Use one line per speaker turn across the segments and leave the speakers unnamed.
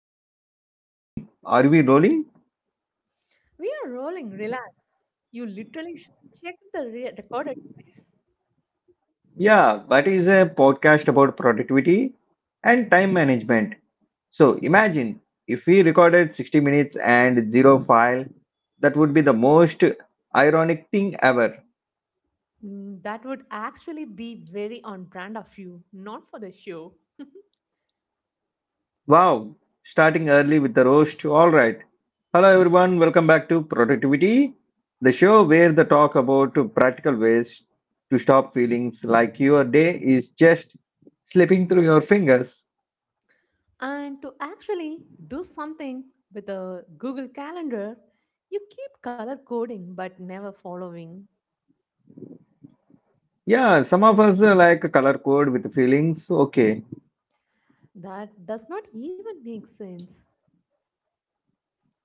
I think we are rolling. Are we rolling?
We are rolling, relax. You literally checked the recorder twice.
Yeah, that is a podcast about productivity and time management. So imagine if we recorded 60 minutes and zero file, that would be the most ironic thing ever.
That would actually be very on brand of you, not for the show.
Wow, starting early with the roast. All right. Hello, everyone. Welcome back to Productivity, the show where the talk about practical ways to stop feelings like your day is just slipping through your fingers.
And to actually do something with a Google Calendar, you keep color coding but never following.
Yeah, some of us like a color code with feelings. Okay,
That does not even make sense.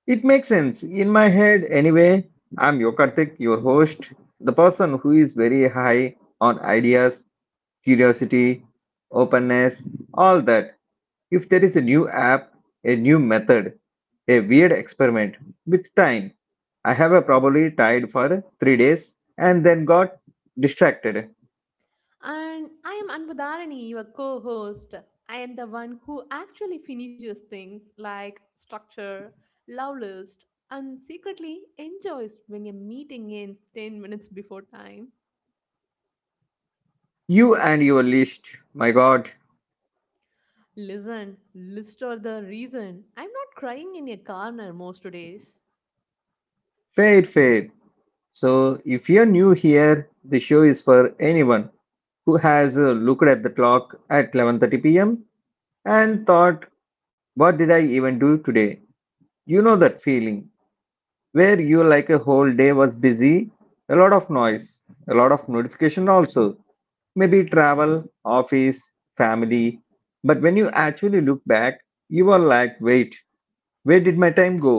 it makes sense in my head anyway. I'm Yokartik, your host, the person who is very high on ideas, curiosity, openness, all that. If there is a new app, a new method, a weird experiment, with time, I have probably tried for 3 days and then got distracted.
And I am Anbudharani, your co host. I am the one who actually finishes things like structure, love list, and secretly enjoys when a meeting ends 10 minutes before time.
You and your list, my God,
Listen, list or the reason. I'm not crying in a corner most days.
fair, fair. So, if you're new here, the show is for anyone who has looked at the clock at 11:30 p.m. and thought, "What did I even do today?" You know that feeling, where you like a whole day was busy, a lot of noise, a lot of notification also, maybe travel, office, family. But when you actually look back, you are like, wait, where did my time go?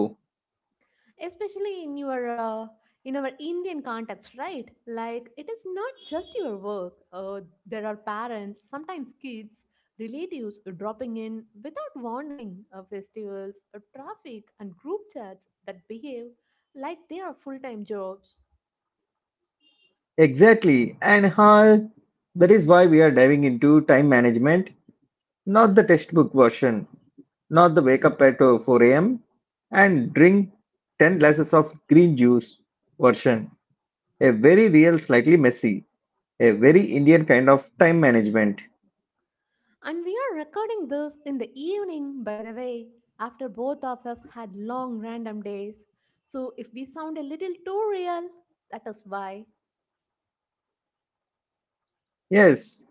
Especially in our Indian context, right? Like, it is not just your work, there are parents, sometimes kids, relatives dropping in without warning, festivals, traffic, and group chats that behave like they are full-time jobs.
Exactly, and how? That is why we are diving into time management, not the textbook version, not the wake up at 4 a.m. and drink 10 glasses of green juice version. A very real, slightly messy, a very Indian kind of time management.
And we are recording this in the evening, by the way, after both of us had long random days, so if we sound a little too real, that is why.
Yes,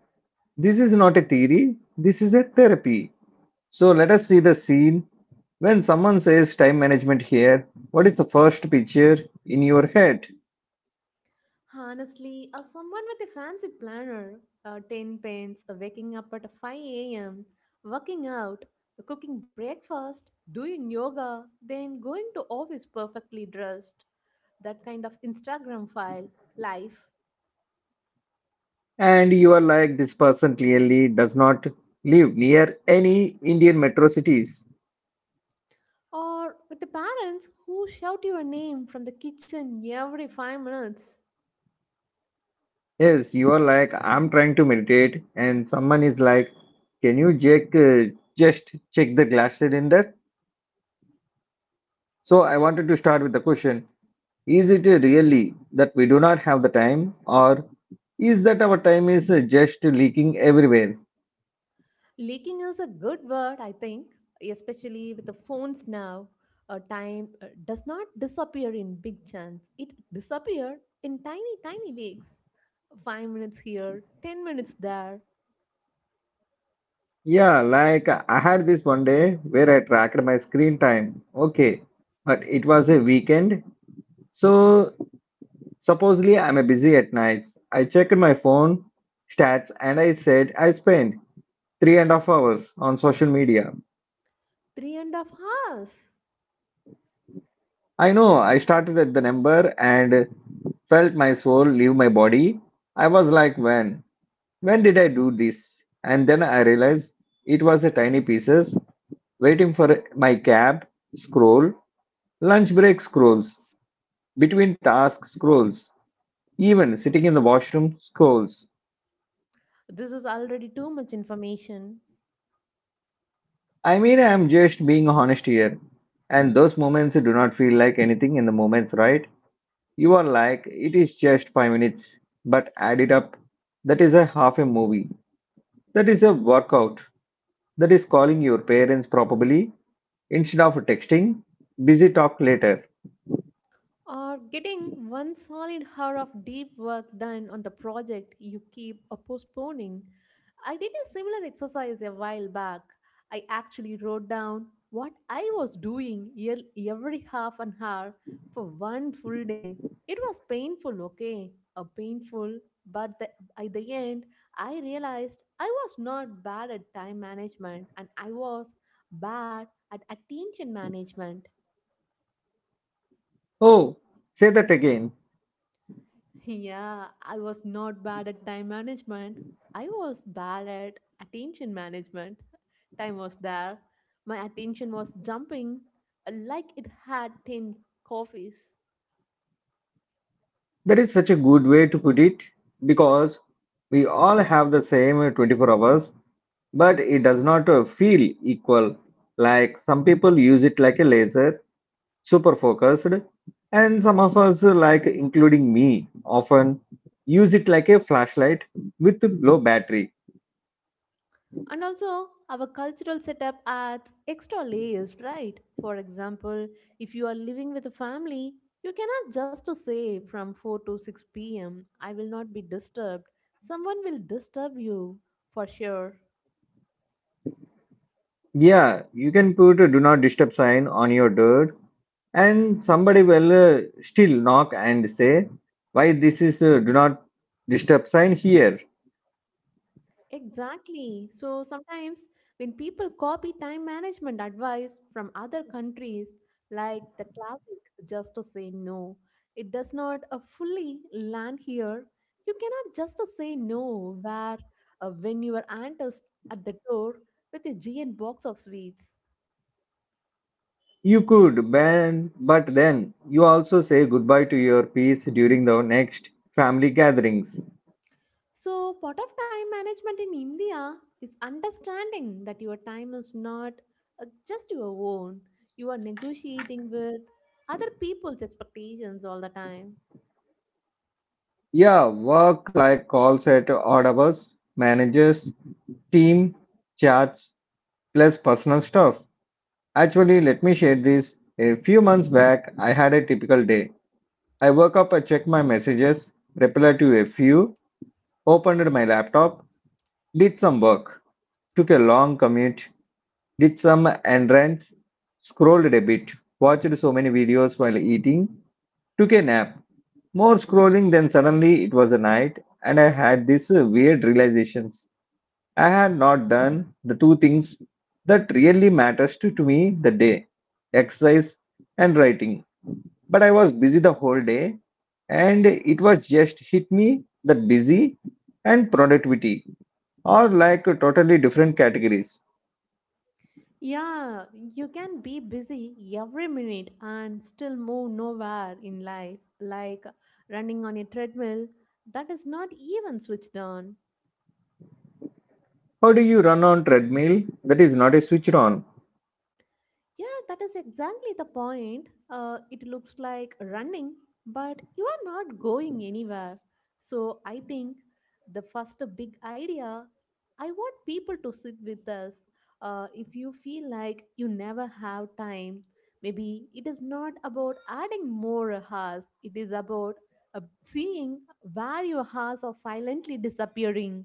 this is not a theory, this is a therapy. So let us see the scene. When someone says time management here, what is the first picture in your head?
Honestly, someone with a fancy planner, 10 pens, waking up at 5 a.m., working out, cooking breakfast, doing yoga, then going to office perfectly dressed. That kind of Instagram file life.
And you are like, this person clearly does not live near any Indian metro cities.
Or with the parents who shout your name from the kitchen every 5 minutes.
Yes, you are like, I'm trying to meditate, and someone is like, can you check, just check the glasses in there? So I wanted to start with the question. Is it really that we do not have the time, or is that our time is just leaking everywhere?
Leaking is a good word, I think, especially with the phones now. Time does not disappear in big chunks. It disappears in tiny, tiny leaks. 5 minutes here, 10 minutes there,
Yeah, like I had this one day where I tracked my screen time. Okay, but it was a weekend. So supposedly I'm a busy at nights. I checked my phone stats and I said I spent 3.5 hours on social media.
3.5 hours.
I know I started at the number and felt my soul leave my body. I was like, when? When did I do this? And then I realized it was a tiny pieces waiting for my cab, scroll, lunch break scrolls, between task scrolls, even sitting in the washroom scrolls.
This is already too much information.
I mean, I am just being honest here. And those moments do not feel like anything in the moments, right? You are like, it is just 5 minutes, but add it up. That is a half a movie. That is a workout. That is calling your parents probably, instead of texting, busy talk later.
Or getting one solid hour of deep work done on the project you keep postponing. I did a similar exercise a while back. I actually wrote down what I was doing every half an hour for one full day. It was painful, okay? A painful, but the, At the end, I realized I was not bad at time management and I was bad at attention management.
Oh, say that again.
Yeah, I was not bad at time management. I was bad at attention management. Time was there. My attention was jumping like it had 10 coffees.
That is such a good way to put it because we all have the same 24 hours, but it does not feel equal. Like some people use it like a laser, super focused, and some of us, like including me, often use it like a flashlight with low battery.
And also, our cultural setup adds extra layers, right? For example, if you are living with a family, you cannot just to say from 4 to 6 p.m., I will not be disturbed. Someone will disturb you for sure.
Yeah, you can put a do not disturb sign on your door and somebody will still knock and say why this is do not disturb sign here.
Exactly. So sometimes when people copy time management advice from other countries, like the classic just to say no, it does not fully land here. You cannot just to say no where when your aunt is at the door with a giant box of sweets.
You could ban, but then you also say goodbye to your peace during the next family gatherings.
So, part of time management in India is understanding that your time is not just your own. You are negotiating with other people's expectations all the time.
Yeah, work like calls at audibles, managers, team chats, plus personal stuff. Actually, let me share this. A few months back, I had a typical day. I woke up, I check my messages, reply to a few. Opened my laptop, did some work, took a long commute, did some errands, scrolled a bit, watched so many videos while eating, took a nap. More scrolling, then suddenly it was a night, and I had this weird realizations. I had not done the two things that really matters to me the day exercise and writing. But I was busy the whole day, and it was just hit me that busy and productivity are like totally different categories.
Yeah, you can be busy every minute and still move nowhere in life, like running on a treadmill that is not even switched on.
How do you run on treadmill that is not a switch on?
Yeah, that is exactly the point. It looks like running, but you are not going anywhere. So I think the first big idea I want people to sit with us. If you feel like you never have time, maybe it is not about adding more hours, it is about seeing where your hours are silently disappearing.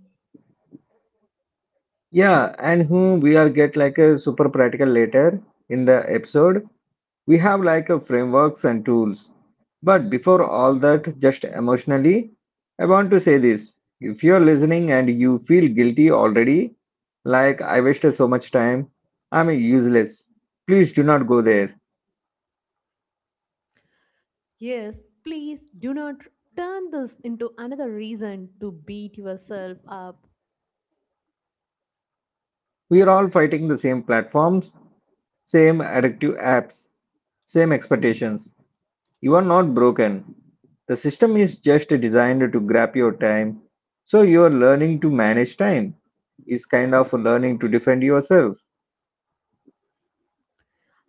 Yeah, and whom we are get like a super practical later in the episode. We have like a frameworks and tools, but before all that, just emotionally, I want to say this. If you're listening and you feel guilty already, like I wasted so much time, I'm useless, please do not go there.
Yes, please do not turn this into another reason to beat yourself up.
We are all fighting the same platforms, same addictive apps, same expectations. You are not broken. The system is just designed to grab your time. So you are learning to manage time is kind of learning to defend yourself.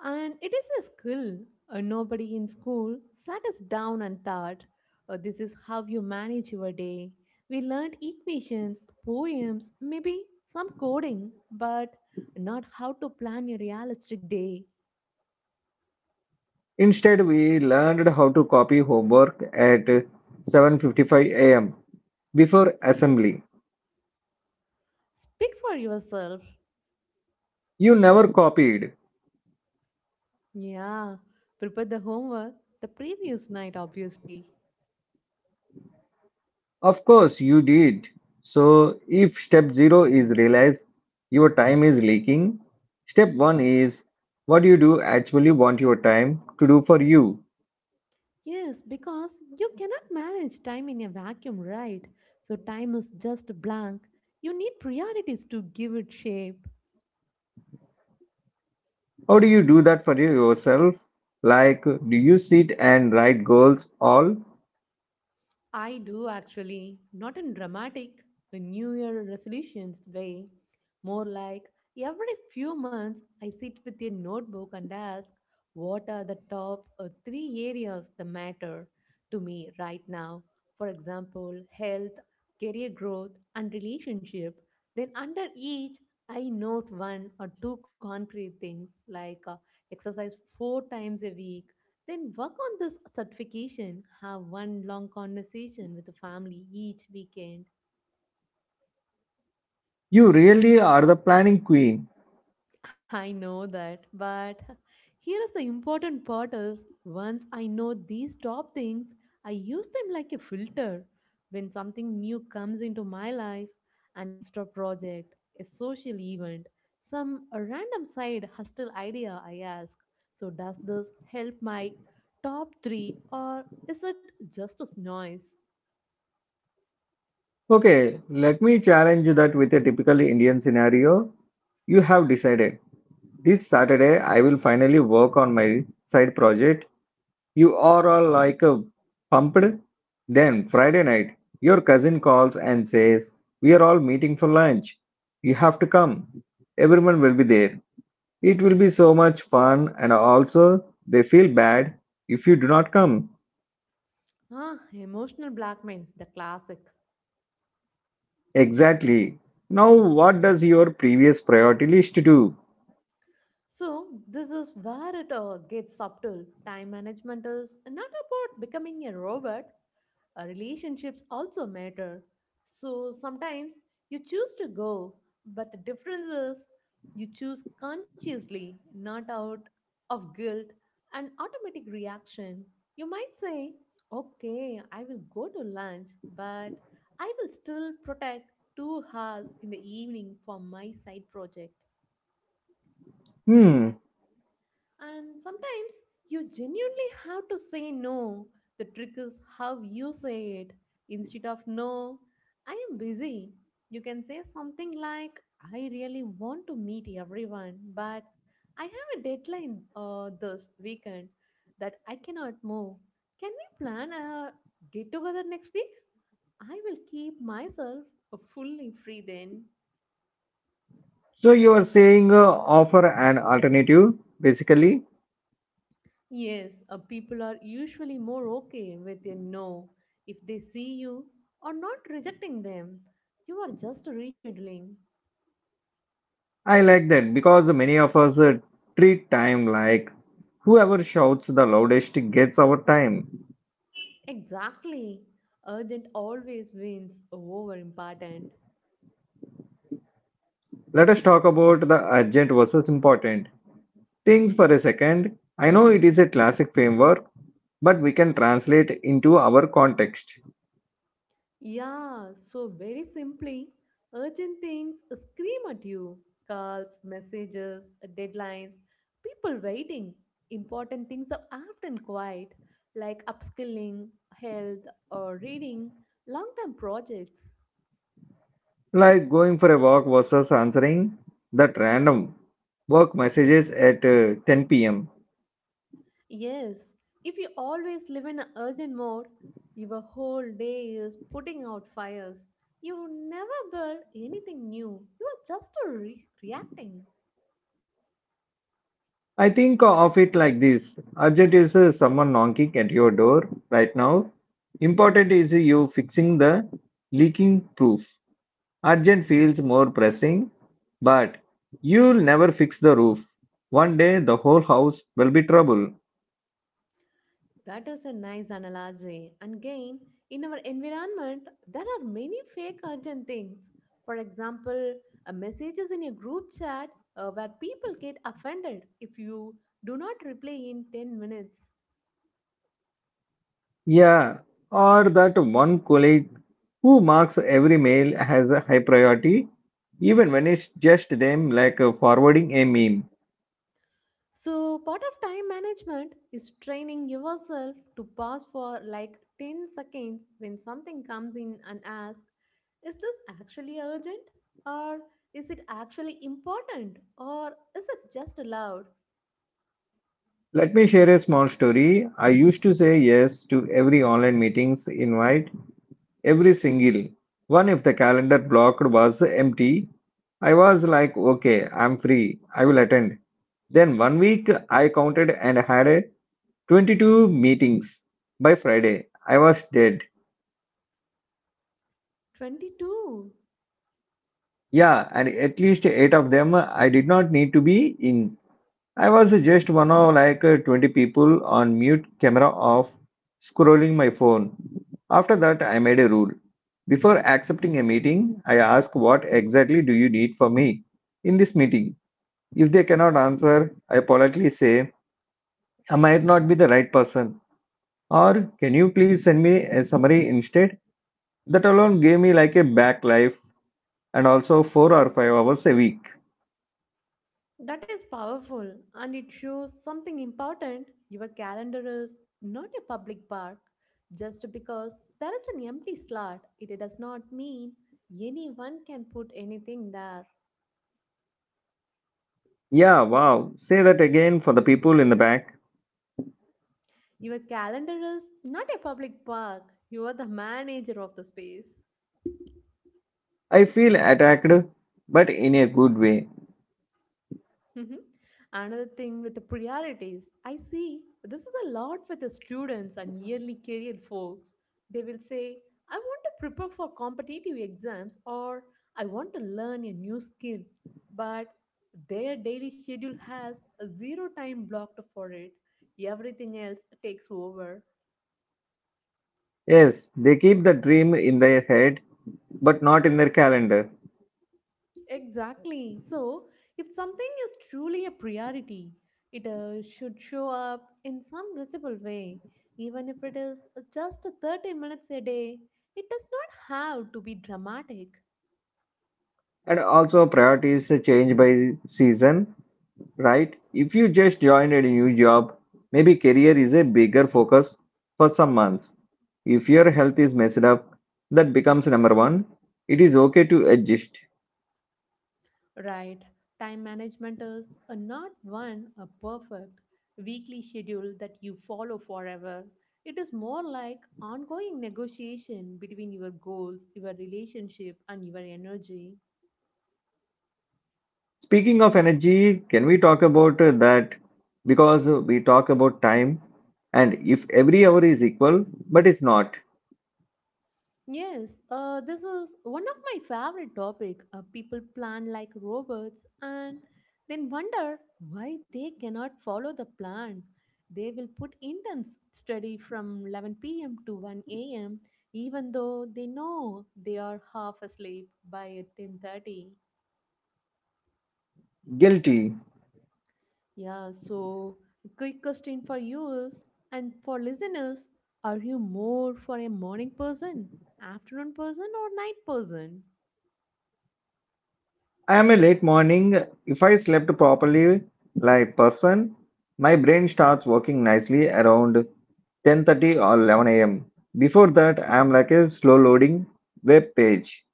And it is a skill. Nobody in school sat us down and thought, "This is how you manage your day. We learned equations, poems, maybe some coding, but not how to plan a realistic day."
Instead, we learned how to copy homework at 7:55 a.m. before assembly.
Speak for yourself.
You never copied.
Yeah, prepare the homework the previous night, obviously.
Of course you did. So if step 0 is realize your time is leaking, step 1 is what do you do actually want your time to do for you?
Yes, because you cannot manage time in a vacuum, right? So time is just blank. You need priorities to give it shape.
How do you do that for yourself? Like do you sit and write goals all?
I do actually, not in dramatic New Year resolutions way, more like every few months I sit with a notebook and ask what are the top three areas that matter to me right now. For example, health, career growth, and relationship. Then under each, I note one or two concrete things like exercise four times a week, then work on this certification. Have one long conversation with the family each weekend.
You really are the planning queen.
I know that, but here is the important part is once I know these top things, I use them like a filter. When something new comes into my life, an extra project, a social event, some random side hustle idea, I ask, so does this help my top 3 or is it just a noise?
Okay, let me challenge you that with a typical Indian scenario. You have decided this Saturday I will finally work on my side project. You are all like pumped. Then Friday night, your cousin calls and says, we are all meeting for lunch. You have to come. Everyone will be there. It will be so much fun, and also they feel bad if you do not come.
Ah, emotional blackmail, the classic.
Exactly. Now, what does your previous priority list do?
So, this is where it gets subtle. Time management is not about becoming a robot. Relationships also matter. So, sometimes you choose to go, but the difference is you choose consciously, not out of guilt and automatic reaction. You might say, okay, I will go to lunch, but I will still protect 2 hours in the evening for my side project.
Hmm,
And sometimes you genuinely have to say no. The trick is how you say it. Instead of no, I am busy, you can say something like, I really want to meet everyone, but I have a deadline this weekend that I cannot move. Can we plan a get together next week? I will keep myself fully free then.
So you are saying offer an alternative, basically.
Yes, people are usually more okay with a no if they see you or not rejecting them. You are just rescheduling.
I like that because many of us treat time like whoever shouts the loudest gets our time.
Exactly. Urgent always wins over important.
Let us talk about the urgent versus important things for a second. I know it is a classic framework, but we can translate into our context,
Yeah, so very simply, urgent things scream at you: calls, messages, deadlines, people waiting. Important things are often quiet, like upskilling, health, or reading, long term projects.
like going for a walk versus answering that random work messages at 10 p.m.
Yes, if you always live in an urgent mode, your whole day is putting out fires. You never build anything new. You are just reacting.
I think of it like this. Urgent is someone knocking at your door right now. Important is you fixing the leaking roof. Urgent feels more pressing, but you'll never fix the roof. One day the whole house will be trouble.
That is a nice analogy. And again, in our environment, there are many fake urgent things. For example, a messages in a group chat where people get offended if you do not reply in 10 minutes.
Yeah, or that one colleague who marks every mail as a high priority, even when it's just them like forwarding a meme.
So, part of time management is training yourself to pause for like 10 seconds when something comes in and ask, is this actually urgent? Or is it actually important? Or is it just allowed?
Let me share a small story. I used to say yes to every online meetings invite, every single one if the calendar blocked was empty. I was like, okay, I'm free. I will attend. Then one week I counted and had 22 meetings. By Friday, I was dead.
22.
Yeah, and at least 8 of them I did not need to be in. I was just one of like 20 people on mute camera off scrolling my phone. After that, I made a rule. Before accepting a meeting, I ask what exactly do you need from me in this meeting. If they cannot answer, I politely say, I might not be the right person or can you please send me a summary instead? That alone gave me like a back life and also 4 or 5 hours a week.
That is powerful, and it shows something important. Your calendar is not a public park. Just because there is an empty slot, it does not mean anyone can put anything there.
Yeah, wow. Say that again for the people in the back.
Your calendar is not a public park, you are the manager of the space.
I feel attacked, but in a good way.
Mhm. Another thing with the priorities, I see this is a lot with the students and yearly career folks. They will say, I want to prepare for competitive exams or I want to learn a new skill, but their daily schedule has a zero time blocked for it. Everything else takes over.
Yes, they keep the dream in their head, but not in their calendar.
Exactly. So, if something is truly a priority, it should show up in some visible way. Even if it is just 30 minutes a day, it does not have to be dramatic,
And also, priorities change by season, right? If you just joined a new job, maybe career is a bigger focus for some months. If your health is messed up, that becomes number one. It is okay to adjust.
right? Time management is not one a perfect weekly schedule that you follow forever. It is more like ongoing negotiation between your goals, your relationship, and your energy.
Speaking of energy, can we talk about that? Because we talk about time, and if every hour is equal, but it's not.
Yes, this is one of my favorite topic. People plan like robots and then wonder why they cannot follow the plan. They will put intense study from 11 p.m. to 1 a.m. even though they know they are half asleep by 10:30.
Guilty.
Yeah, so quick question for you is, and for listeners, are you more for a morning person, afternoon person, or night person?
I am a late morning. If I slept properly, like person, my brain starts working nicely around 10:30 or 11 a.m. Before that, I am like a slow loading web page.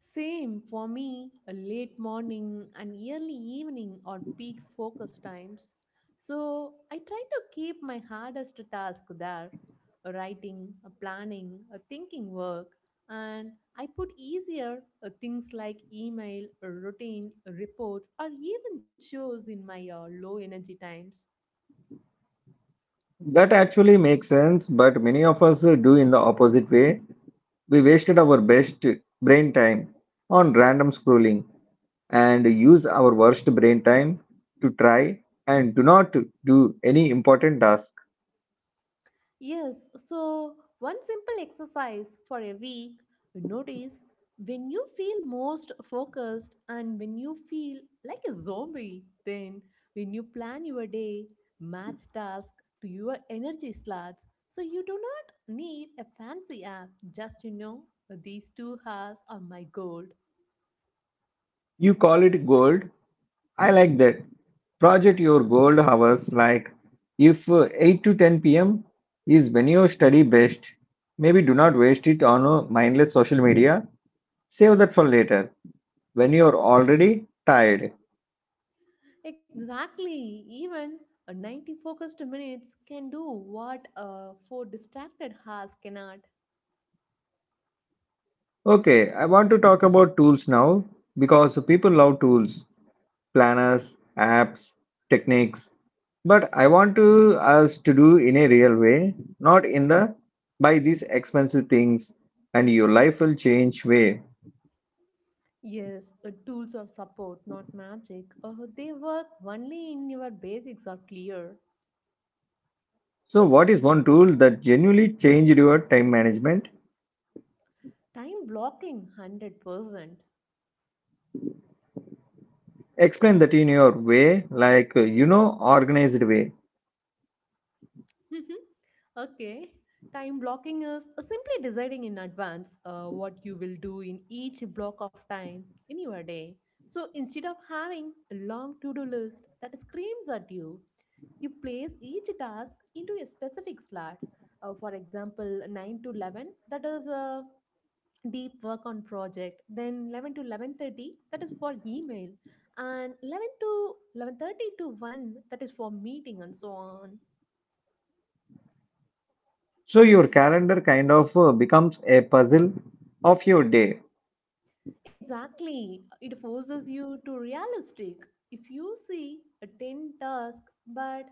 Same for me, a late morning and early evening are peak focus times. So I try to keep my hardest task there: a writing, a planning, a thinking work, and I put easier things like email, a routine, a reports, or even chores in my low energy times.
That actually makes sense, but many of us do in the opposite way. We wasted our best brain time on random scrolling. And use our worst brain time to try and do not do any important task.
Yes, so one simple exercise for a week: notice when you feel most focused and when you feel like a zombie. Then, when you plan your day, match task to your energy slots. So, you do not need a fancy app, just these 2 hours are my gold.
You call it gold. I like that. Project your gold hours like if 8 to 10 p.m. is when you study best. Maybe do not waste it on mindless social media. Save that for later when you are already tired.
Exactly, even a 90 focused minutes can do what 4 distracted hours cannot.
Okay, I want to talk about tools now because people love tools, planners, apps, techniques. But I want to us to do in a real way, not in the buy these expensive things and your life will change way.
Yes, tools of support, not magic. They work only in your basics are clear.
So what is one tool that genuinely changed your time management?
Time blocking, 100%.
Explain that in your way, like organized way.
Okay, time blocking is simply deciding in advance what you will do in each block of time in your day. So instead of having a long to do list that screams at you, you place each task into a specific slot. For example, 9 to 11, that is deep work on project, then 11 to 11:30 that is for email, and 11 to 11:30 to 1 that is for meeting and so on.
So your calendar kind of becomes a puzzle of your day.
Exactly, it forces you to realistic. If you see a 10 task but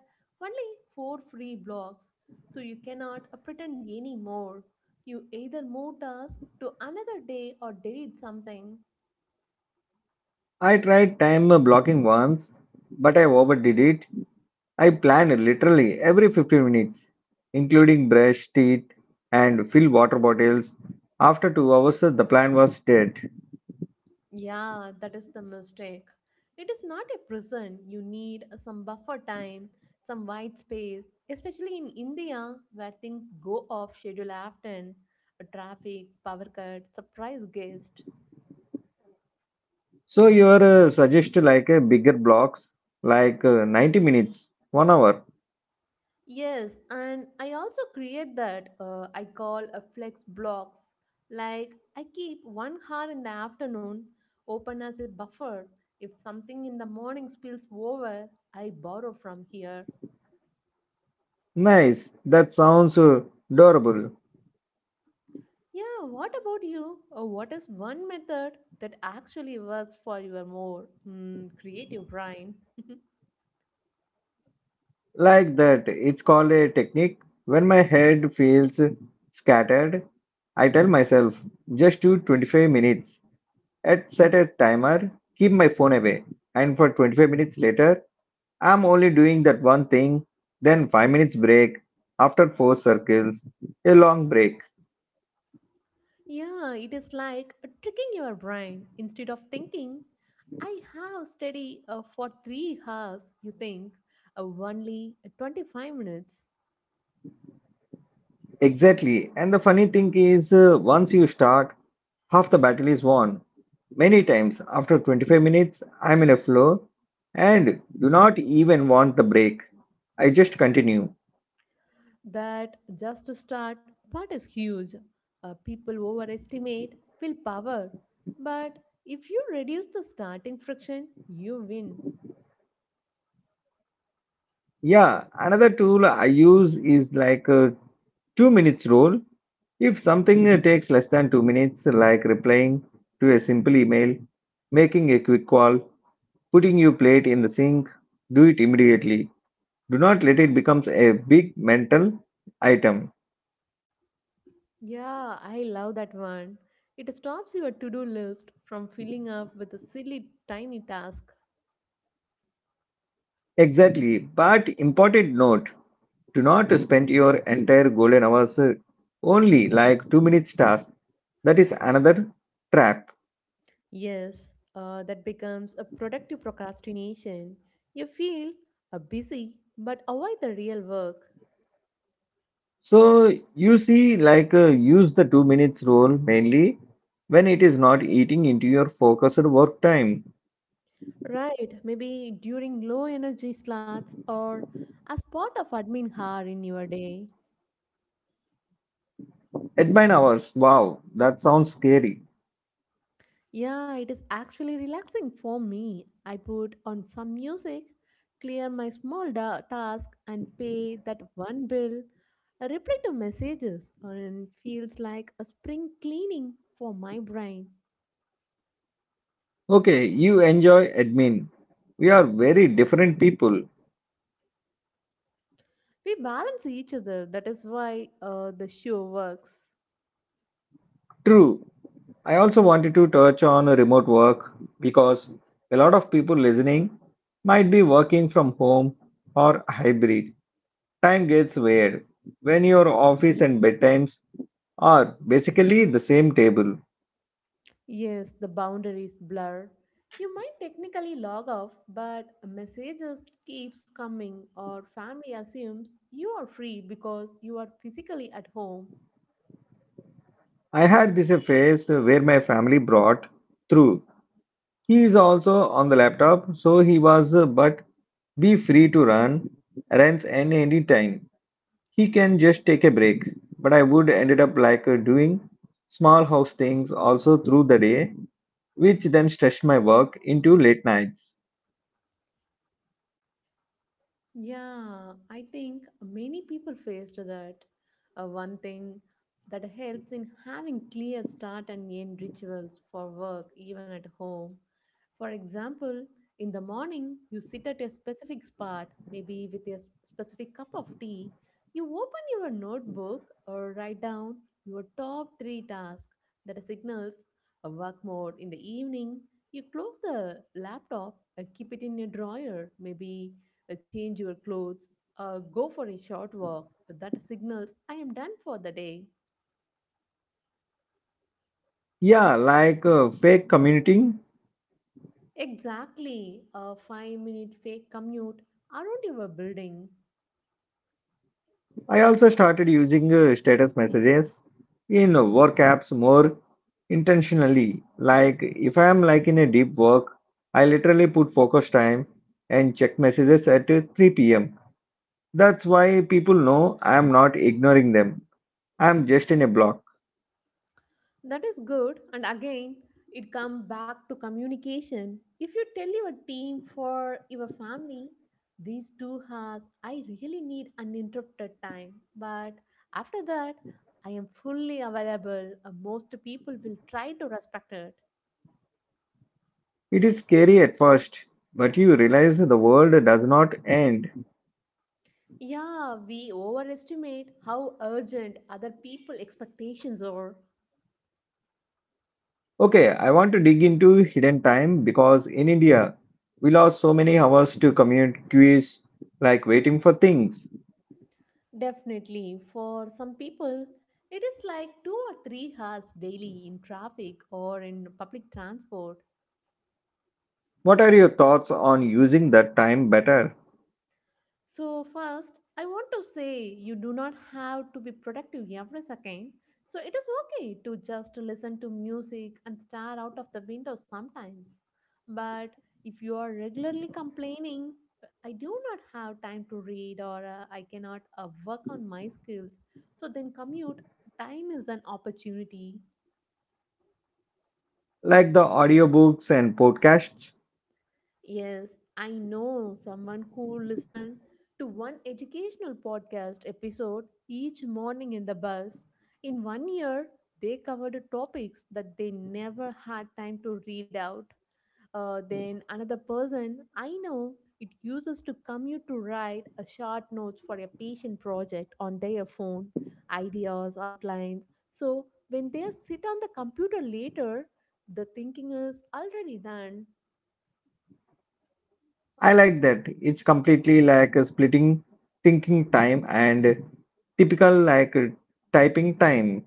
only four free blocks, so you cannot pretend anymore. You either move task to another day or delete something.
I tried time blocking once, but I overdid it. I plan literally every 15 minutes, including brush teeth and fill water bottles. After 2 hours, the plan was dead.
Yeah, that is the mistake. It is not a prison. You need some buffer time, some white space, especially in India where things go off schedule often. Traffic, power cut, surprise guest.
So your suggest like a bigger blocks, like 90 minutes, one hour.
Yes, and I also create that I call a flex blocks. Like, I keep 1 hour in the afternoon open as a buffer. If something in the morning spills over, I borrow from here.
Nice. That sounds adorable.
Yeah, what about you? Or what is one method that actually works for your more creative brain?
Like that, it's called a technique. When my head feels scattered, I tell myself just do 25 minutes. At set a timer, keep my phone away, and for 25 minutes later I'm only doing that one thing, then 5 minutes break, after 4 circles, a long break.
Yeah, it is like tricking your brain. Instead of thinking, I have studied for 3 hours, you think only 25 minutes.
Exactly. And the funny thing is, once you start, half the battle is won. Many times, after 25 minutes, I'm in a flow and do not even want the break. I just continue.
That just to start part is huge. People overestimate willpower. But if you reduce the starting friction, you win.
Yeah, another tool I use is like a 2 minutes rule. If something takes less than 2 minutes, like replying to a simple email, making a quick call, putting your plate in the sink, do it immediately. Do not let it become a big mental item.
Yeah, I love that one. It stops your to do list from filling up with a silly tiny task.
Exactly, but important note, do not spend your entire golden hours only like 2 minutes task. That is another trap.
Yes, that becomes a productive procrastination. You feel busy but avoid the real work.
So you see, like use the 2 minutes rule mainly when it is not eating into your focused work time.
Right, maybe during low energy slots or as part of admin hour in your day.
At 9 hours, wow, that sounds scary.
Yeah, it is actually relaxing for me. I put on some music, clear my task, and pay that one bill. I reply to messages, and feels like a spring cleaning for my brain.
Okay, you enjoy admin. We are very different people.
We balance each other. That is why the show works.
True. I also wanted to touch on remote work because a lot of people listening might be working from home or hybrid. Time gets weird when your office and bedtimes are basically the same table.
Yes, the boundaries blur. You might technically log off, but messages keeps coming, or family assumes you are free because you are physically at home.
I had this a phase where my family brought through. He is also on the laptop, so he was but be free to run runs any time. He can just take a break, but I would ended up like doing small house things also through the day, which then stretched my work into late nights.
Yeah, I think many people faced that. One thing that helps in having clear start and end rituals for work, even at home. For example, in the morning, you sit at a specific spot, maybe with a specific cup of tea. You open your notebook or write down your top three tasks that signals a work mode. In the evening, you close the laptop and keep it in a drawer, maybe change your clothes, go for a short walk that signals I am done for the day.
Yeah, like fake commuting.
Exactly, a 5 minute fake commute around your building.
I also started using status messages in work apps more intentionally. Like if I am like in a deep work, I literally put focus time and check messages at 3 p.m. That's why people know I am not ignoring them. I am just in a block.
That is good, and again, it comes back to communication. If you tell your team for your family, these two has I really need uninterrupted time. But after that, I am fully available. Most people will try to respect it.
It is scary at first, but you realize the world does not end.
Yeah, we overestimate how urgent other people expectations are.
Okay, I want to dig into hidden time because in India, we lost so many hours to commute queues, like waiting for things.
Definitely, for some people, it is like 2 or 3 hours daily in traffic or in public transport.
What are your thoughts on using that time better?
So, first, I want to say you do not have to be productive every second. So, it is okay to just listen to music and stare out of the window sometimes. But if you are regularly complaining, I do not have time to read or I cannot work on my skills, so then commute time is an opportunity.
Like the audiobooks and podcasts?
Yes, I know someone who listened to one educational podcast episode each morning in the bus. In 1 year, they covered topics that they never had time to read out. Then another person I know it uses to commute to write a short notes for a patient project on their phone, ideas, outlines. So when they sit on the computer later, the thinking is already done.
I like that. It's completely like a splitting thinking time and typical like typing time.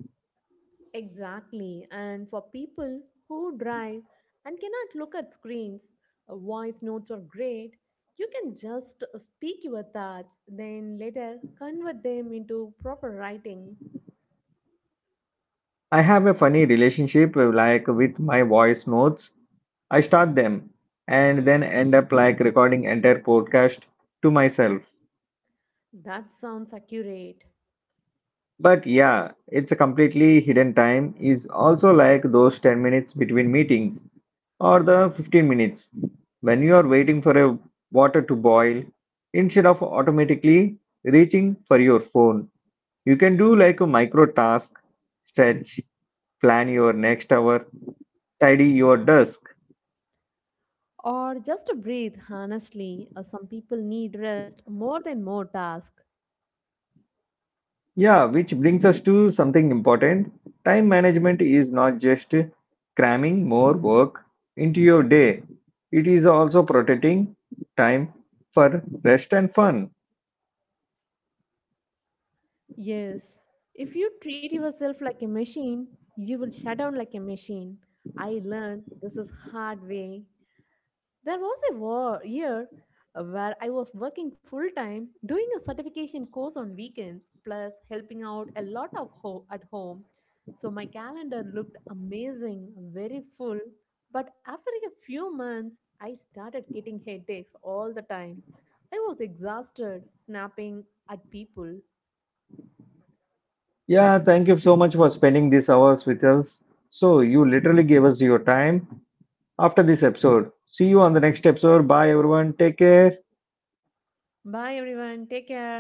Exactly. And for people who drive and cannot look at screens, voice notes are great. You can just speak your thoughts, then later convert them into proper writing.
I have a funny relationship like with my voice notes. I start them and then end up like recording entire podcast to myself.
That sounds accurate.
But yeah, it's a completely hidden time is also like those 10 minutes between meetings or the 15 minutes when you are waiting for a water to boil instead of automatically reaching for your phone. You can do like a micro task, stretch, plan your next hour, tidy your desk.
Or just breathe, honestly. Some people need rest more than more task.
Yeah, which brings us to something important. Time management is not just cramming more work into your day, it is also protecting time for rest and fun.
Yes. If you treat yourself like a machine, you will shut down like a machine. I learned this is hard way. There was a war, year where I was working full time, doing a certification course on weekends, plus helping out a lot of at home. So my calendar looked amazing, very full. But after a few months, I started getting headaches all the time. I was exhausted, snapping at people.
Yeah, thank you so much for spending these hours with us. So, you literally gave us your time after this episode. See you on the next episode. Bye, everyone. Take care.
Bye everyone, take care.